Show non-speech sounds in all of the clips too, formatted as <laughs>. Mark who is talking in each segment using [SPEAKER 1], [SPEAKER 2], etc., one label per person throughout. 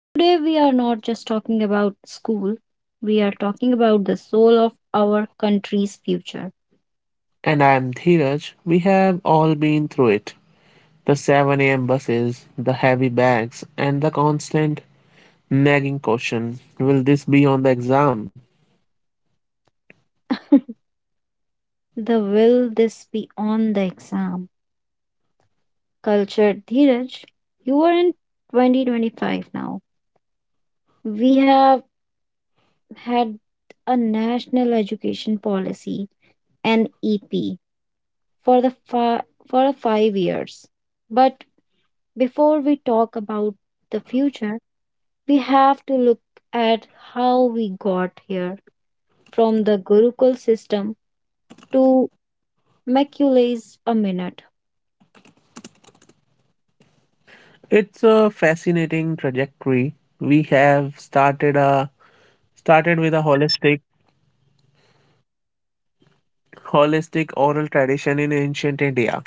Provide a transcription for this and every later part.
[SPEAKER 1] Today we are not just talking about school, we are talking about the soul of our country's future.
[SPEAKER 2] And I'm Dheeraj. We have all been through it, the 7 a.m. buses, the heavy bags, and the constant nagging question, will this be on the exam?
[SPEAKER 1] The will this be on the exam? Cultured Dheeraj, you are in 2025 now. We have had a national education policy, NEP, for the fi- for the 5 years. But before we talk about the future, we have to look at how we got here from the Gurukul system to Machiavelli's a minute.
[SPEAKER 2] It's a fascinating trajectory. We have started a started with a holistic oral tradition in ancient India,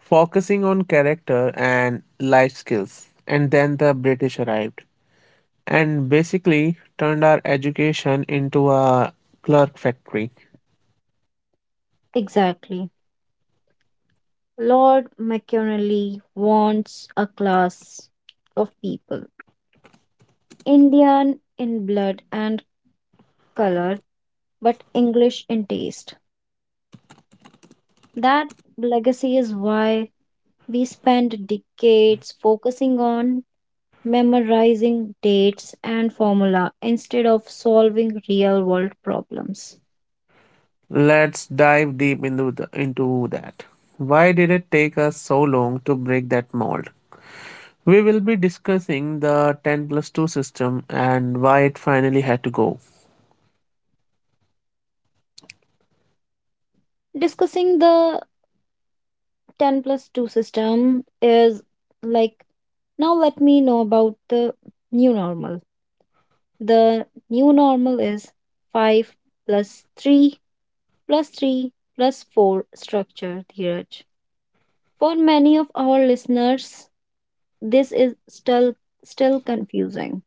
[SPEAKER 2] focusing on character and life skills. And then the British arrived and basically turned our education into a clerk factory.
[SPEAKER 1] Exactly. Lord Machiavelli wants a class of people Indian in blood and color, but English in taste. That legacy is why we spend decades focusing on memorizing dates and formula instead of solving real world problems.
[SPEAKER 2] Let's dive deep into that. Why did it take us so long to break that mold? We will be discussing the 10 plus 2 system and why it finally had to go.
[SPEAKER 1] Discussing the 10 plus 2 system is like, now let me know about new normal the new normal is 5 plus 3 plus 3 plus 4 structure, Dheeraj. For many of our listeners this is still confusing.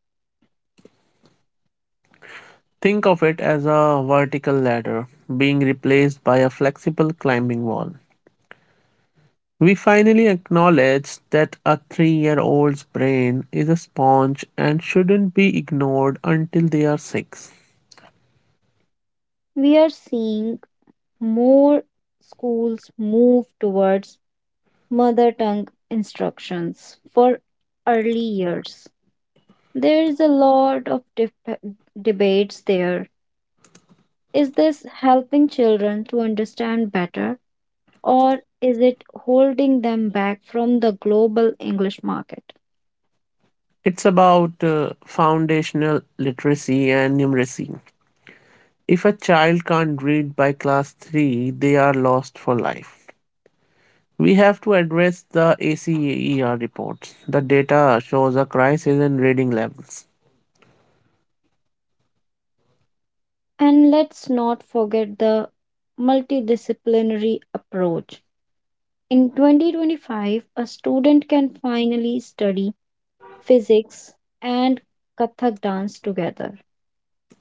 [SPEAKER 2] Think of it as a vertical ladder being replaced by a flexible climbing wall. We finally acknowledge that a 3 year old's brain is a sponge and shouldn't be ignored until they are six.
[SPEAKER 1] We are seeing more schools move towards mother tongue instructions for early years. There is a lot of debates there. Is this helping children to understand better or is it holding them back from the global English market?
[SPEAKER 2] It's about foundational literacy and numeracy. If a child can't read by class 3, they are lost for life. We have to address the ACER reports. The data shows a crisis in reading levels.
[SPEAKER 1] And let's not forget the multidisciplinary approach. In 2025, a student can finally study physics and Kathak dance together.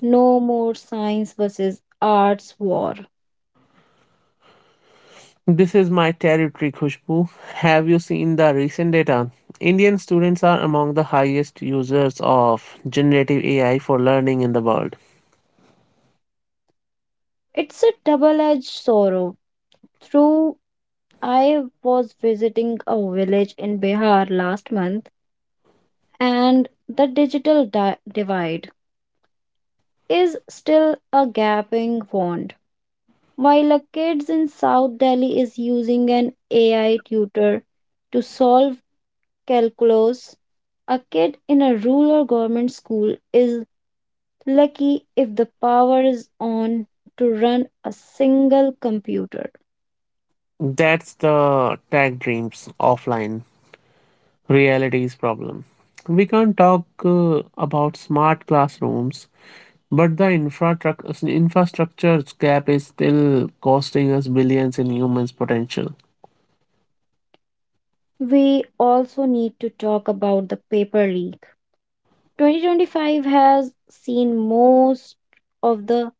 [SPEAKER 1] No more science versus arts war.
[SPEAKER 2] This is my territory, Khushbu. Have you seen the recent data? Indian students are among the highest users of generative AI for learning in the world.
[SPEAKER 1] It's a double edged sword through. I was visiting a village in Bihar last month, and the digital divide is still a gaping wound. While a kids in South Delhi is using an AI tutor to solve calculus, a kid in a rural government school is lucky if the power is on to run a single computer.
[SPEAKER 2] That's the tech dreams, offline realities problem. We can't talk about smart classrooms, but the infrastructure gap is still costing us billions in humans' potential.
[SPEAKER 1] We also need to talk about the paper leak. 2025 has seen most of the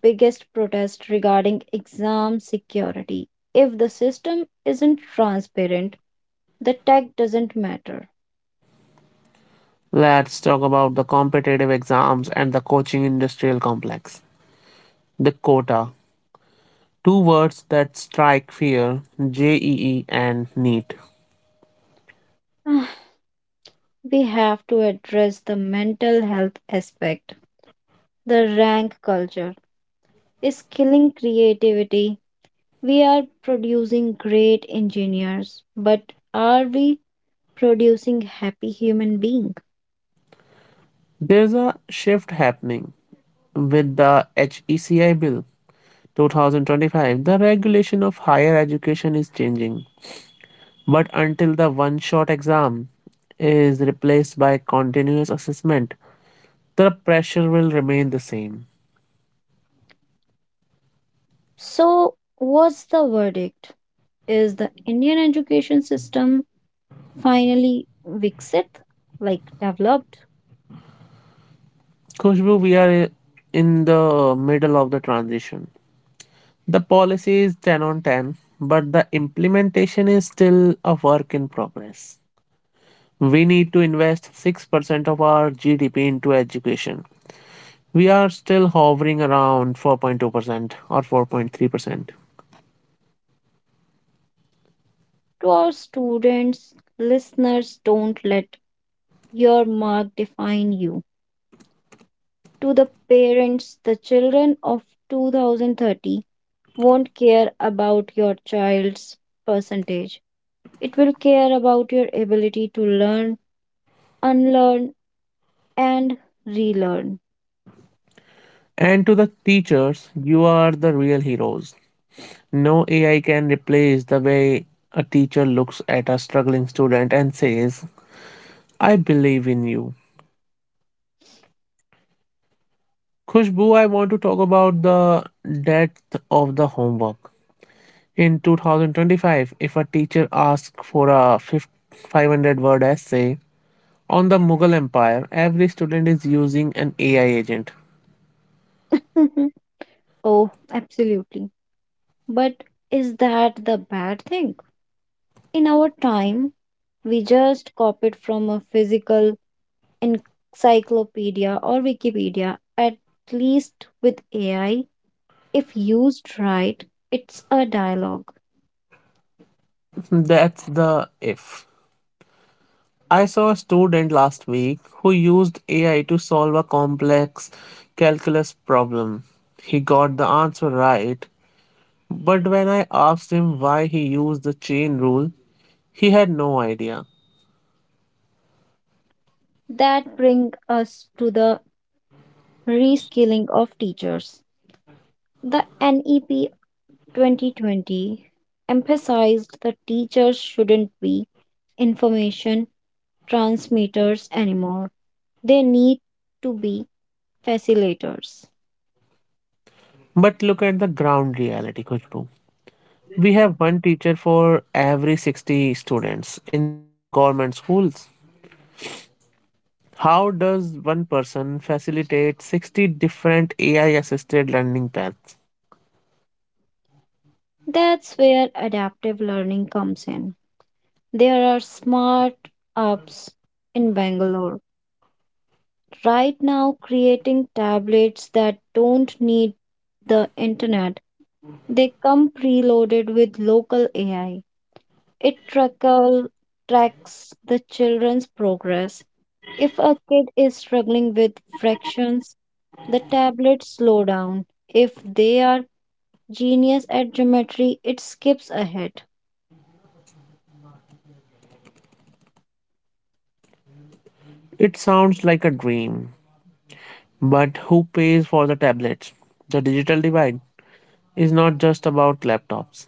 [SPEAKER 1] biggest protests regarding exam security. If the system isn't transparent, the tech doesn't matter.
[SPEAKER 2] Let's talk about the competitive exams and the coaching industrial complex. The quota. Two words that strike fear, JEE and NEET.
[SPEAKER 1] Ah, we have to address the mental health aspect. The rank culture is killing creativity. We are producing great engineers, but are we producing happy human beings?
[SPEAKER 2] There's a shift happening with the HECI bill 2025. The regulation of higher education is changing. But until the one shot exam is replaced by continuous assessment, the pressure will remain the same.
[SPEAKER 1] So, what's the verdict? Is the Indian education system finally Viksit, like developed?
[SPEAKER 2] Khushbu, we are in the middle of the transition. The policy is 10 on 10, but the implementation is still a work in progress. We need to invest 6% of our GDP into education. We are still hovering around 4.2% or 4.3%.
[SPEAKER 1] To our students, listeners, don't let your mark define you. To the parents, the children of 2030 won't care about your child's percentage. It will care about your ability to learn, unlearn, and relearn.
[SPEAKER 2] And to the teachers, you are the real heroes. No AI can replace the way a teacher looks at a struggling student and says, I believe in you. Khushbu, I want to talk about the depth of the homework. In 2025, if a teacher asks for a 500 word essay on the Mughal Empire, every student is using an AI agent.
[SPEAKER 1] <laughs> Oh, absolutely. But is that the bad thing? In our time, we just copied from a physical encyclopedia or Wikipedia. At least with AI, if used right, it's a dialogue.
[SPEAKER 2] That's the if. I saw a student last week who used AI to solve a complex calculus problem. He got the answer right, but when I asked him why he used the chain rule, he had no idea.
[SPEAKER 1] That brings us to the reskilling of teachers. The NEP 2020 emphasized that teachers shouldn't be information transmitters anymore. They need to be facilitators.
[SPEAKER 2] But look at the ground reality, Khushbu. We have one teacher for every 60 students in some government schools. How does one person facilitate 60 different AI assisted learning paths?
[SPEAKER 1] That's where adaptive learning comes in. There are smart apps in Bangalore right now creating tablets that don't need the internet. They come preloaded with local AI. It tracks the children's progress. If a kid is struggling with fractions, the tablets slow down. If they are genius at geometry, it skips ahead.
[SPEAKER 2] It sounds like a dream, but who pays for the tablets? The digital divide is not just about laptops,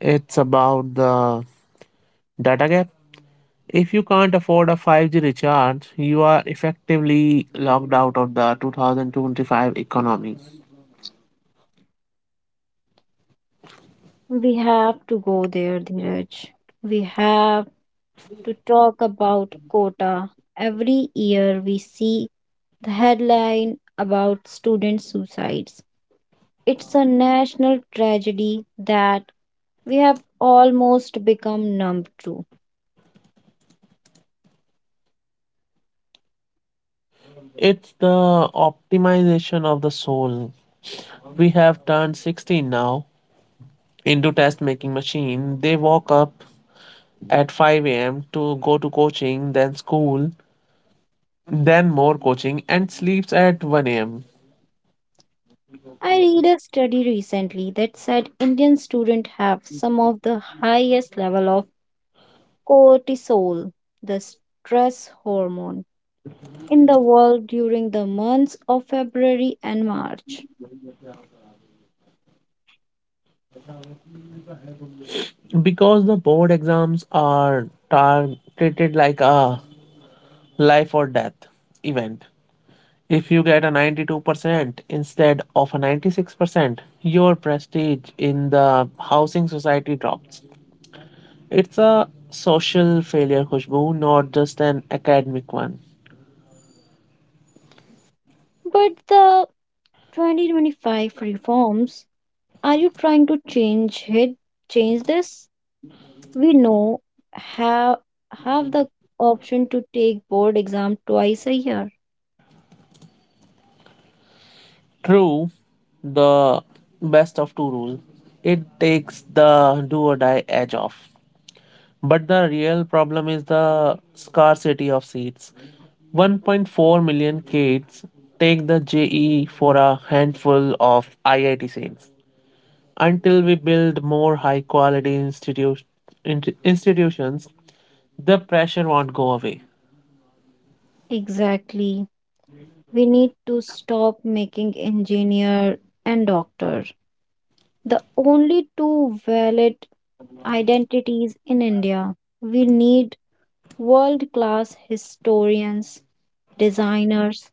[SPEAKER 2] it's about the data gap. If you can't afford a 5G recharge, you are effectively locked out of the 2025 economy.
[SPEAKER 1] We have to go there, Dheeraj. We have to talk about quota. Every year we see the headline about student suicides. It's a national tragedy that we have almost become numb to.
[SPEAKER 2] It's the optimization of the soul. We have turned 16 now into test making machine. They walk up at 5 a.m. to go to coaching, then school, then more coaching, and sleeps at 1 a.m.
[SPEAKER 1] I read a study recently that said Indian students have some of the highest level of cortisol, the stress hormone, in the world during the months of February and March.
[SPEAKER 2] Because the board exams are treated like a life or death event. If you get a 92% instead of a 96%, your prestige in the housing society drops. It's a social failure, Khushbu, not just an academic one.
[SPEAKER 1] But the 2025 reforms, are you trying to change it? Change this? We know have have the option to take board exam twice a year.
[SPEAKER 2] True, the best of two rule. It takes the do or die edge off. But the real problem is the scarcity of seats. 1.4 million kids take the JE for a handful of IIT seats. Until we build more high quality institutions, the pressure won't go away.
[SPEAKER 1] Exactly. We need to stop making engineer and doctor the only two valid identities in India. We need world-class historians, designers,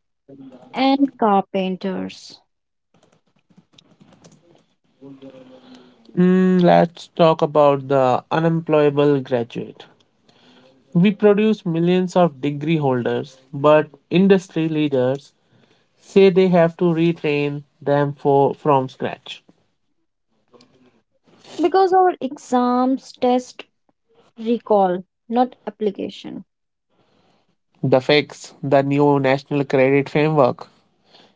[SPEAKER 1] and carpenters,
[SPEAKER 2] Let's talk about the unemployable graduate. We produce millions of degree holders, but industry leaders say they have to retrain them from scratch.
[SPEAKER 1] because our exams test recall, not application.
[SPEAKER 2] The fix, the new National Credit Framework,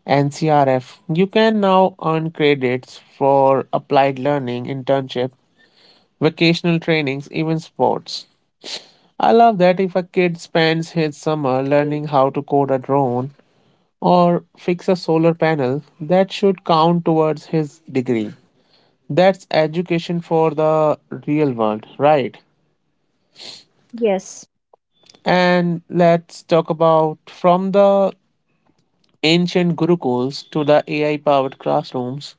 [SPEAKER 2] NCRF. You can now earn credits for applied learning, internship, vocational trainings, even sports. I love that if a kid spends his summer learning how to code a drone or fix a solar panel, that should count towards his degree. That's education for the real world, right?
[SPEAKER 1] Yes,
[SPEAKER 2] And let's talk about from the ancient gurukuls to the AI powered classrooms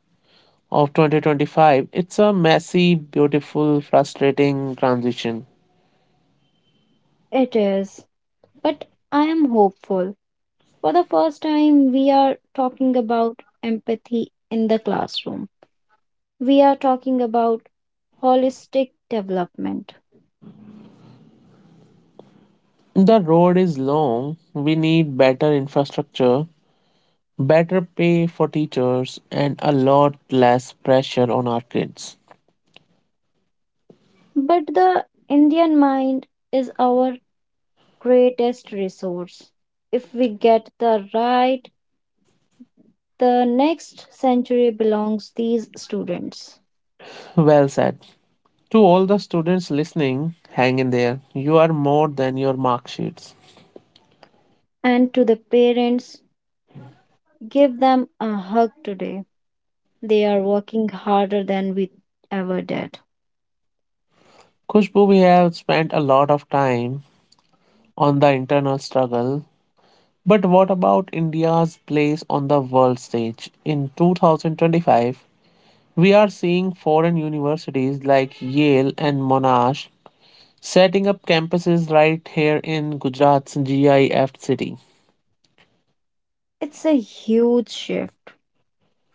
[SPEAKER 2] of 2025. It's a messy, beautiful, frustrating transition.
[SPEAKER 1] it is. But I am hopeful. For the first time, we are talking about empathy in the classroom. We are talking about holistic development.
[SPEAKER 2] The road is long. We need better infrastructure, better pay for teachers, and a lot less pressure on our kids.
[SPEAKER 1] But the Indian mind is our greatest resource. If we get the right, the next century belongs these students.
[SPEAKER 2] Well said. To all the students listening, hang in there. You are more than your mark sheets.
[SPEAKER 1] And to the parents, give them a hug today. They are working harder than we ever did.
[SPEAKER 2] Kushbu, we have spent a lot of time on the internal struggle. But what about India's place on the world stage? In 2025, we are seeing foreign universities like Yale and Monash setting up campuses right here in Gujarat's GIF city.
[SPEAKER 1] It's a huge shift.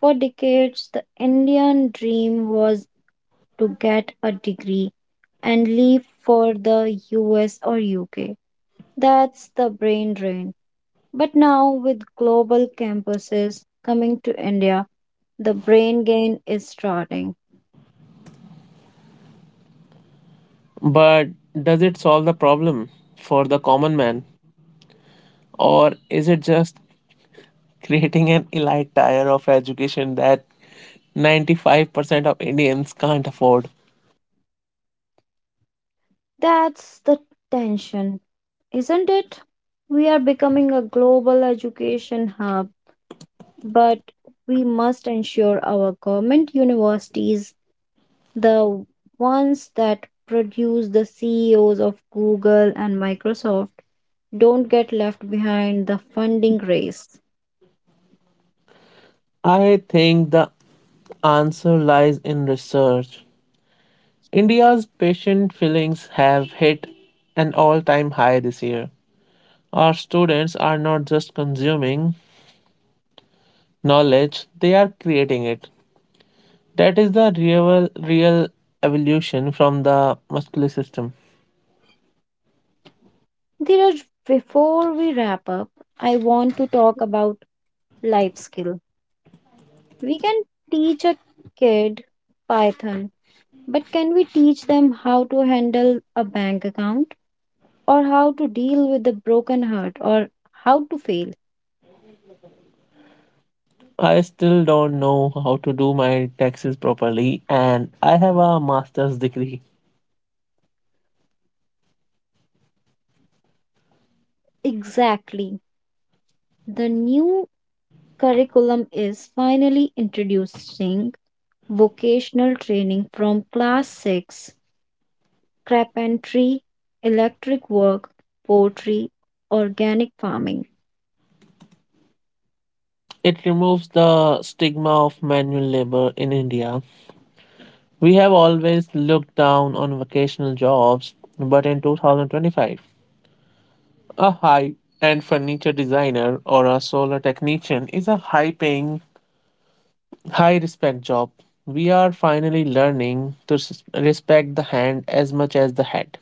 [SPEAKER 1] For decades, the Indian dream was to get a degree and leave for the US or UK. That's the brain drain. But now, with global campuses coming to India, the brain gain is starting.
[SPEAKER 2] But does it solve the problem for the common man? Or is it just <laughs> creating an elite tier of education that 95% of Indians can't afford?
[SPEAKER 1] That's the tension, isn't it? We are becoming a global education hub, but we must ensure our government universities, the ones that produce the CEOs of Google and Microsoft, don't get left behind the funding race.
[SPEAKER 2] I think the answer lies in research. India's patient fillings have hit an all time high this year. Our students are not just consuming knowledge, they are creating it. That is the real evolution from the muscular system.
[SPEAKER 1] Dhiraj, before we wrap up, I want to talk about life skill. We can teach a kid Python, but can we teach them how to handle a bank account, or how to deal with a broken heart, or how to fail?
[SPEAKER 2] I still don't know how to do my taxes properly, and I have a master's degree.
[SPEAKER 1] Exactly. The new curriculum is finally introducing vocational training from class 6: carpentry, electric work, poetry, organic farming.
[SPEAKER 2] It removes the stigma of manual labor in India. We have always looked down on vocational jobs, but in 2025, a high end furniture designer or a solar technician is a high paying, high respect job. We are finally learning to respect the hand as much as the head.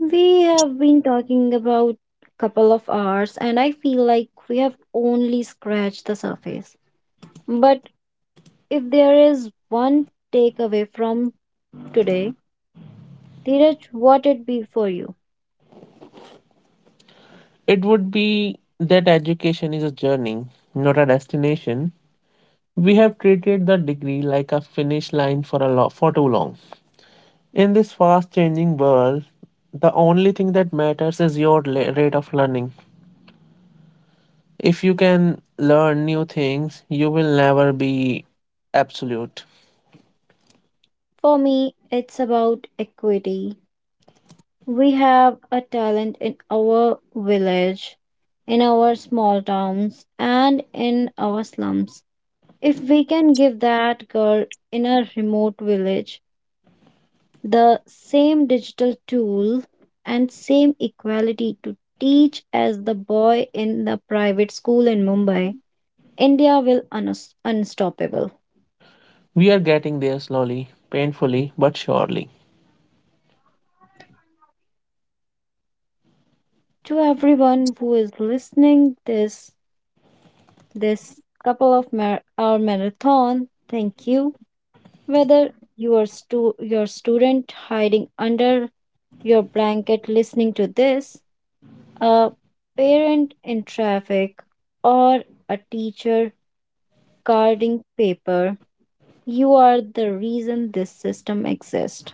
[SPEAKER 1] We have been talking about couple of hours and I feel like we have only scratched the surface. But if there is one takeaway from today, Dheeraj, what it be for you?
[SPEAKER 2] It would be that education is a journey, not a destination. We have treated the degree like a finish line for for too long. In this fast changing world, the only thing that matters is your rate of learning. If you can learn new things, you will never be absolute.
[SPEAKER 1] For me, it's about equity. We have a talent in our village, in our small towns, and in our slums. If we can give that girl in a remote village the same digital tool and same equality to teach as the boy in the private school in Mumbai, India will unstoppable.
[SPEAKER 2] We are getting there slowly, painfully, but surely.
[SPEAKER 1] To everyone who is listening this couple of hour marathon, thank you. Whether you are your student hiding under your blanket listening to this, a parent in traffic, or a teacher guarding paper, you are the reason this system exists.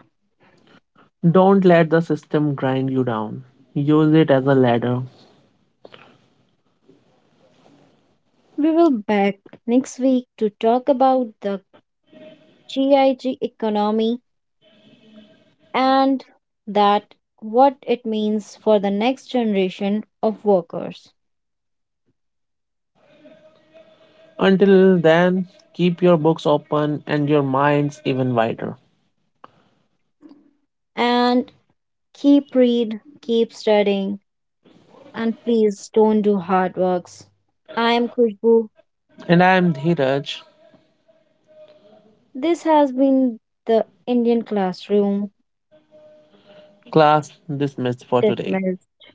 [SPEAKER 2] Don't let the system grind you down. Use it as a ladder.
[SPEAKER 1] We will back next week to talk about the GIG economy and that what it means for the next generation of workers.
[SPEAKER 2] Until then, keep your books open and your minds even wider.
[SPEAKER 1] And keep read, keep studying. And please don't do hard works. I am Khushbu.
[SPEAKER 2] And I am Dheeraj,
[SPEAKER 1] This has been the Indian classroom.
[SPEAKER 2] class dismissed for today.
[SPEAKER 1] Dismissed.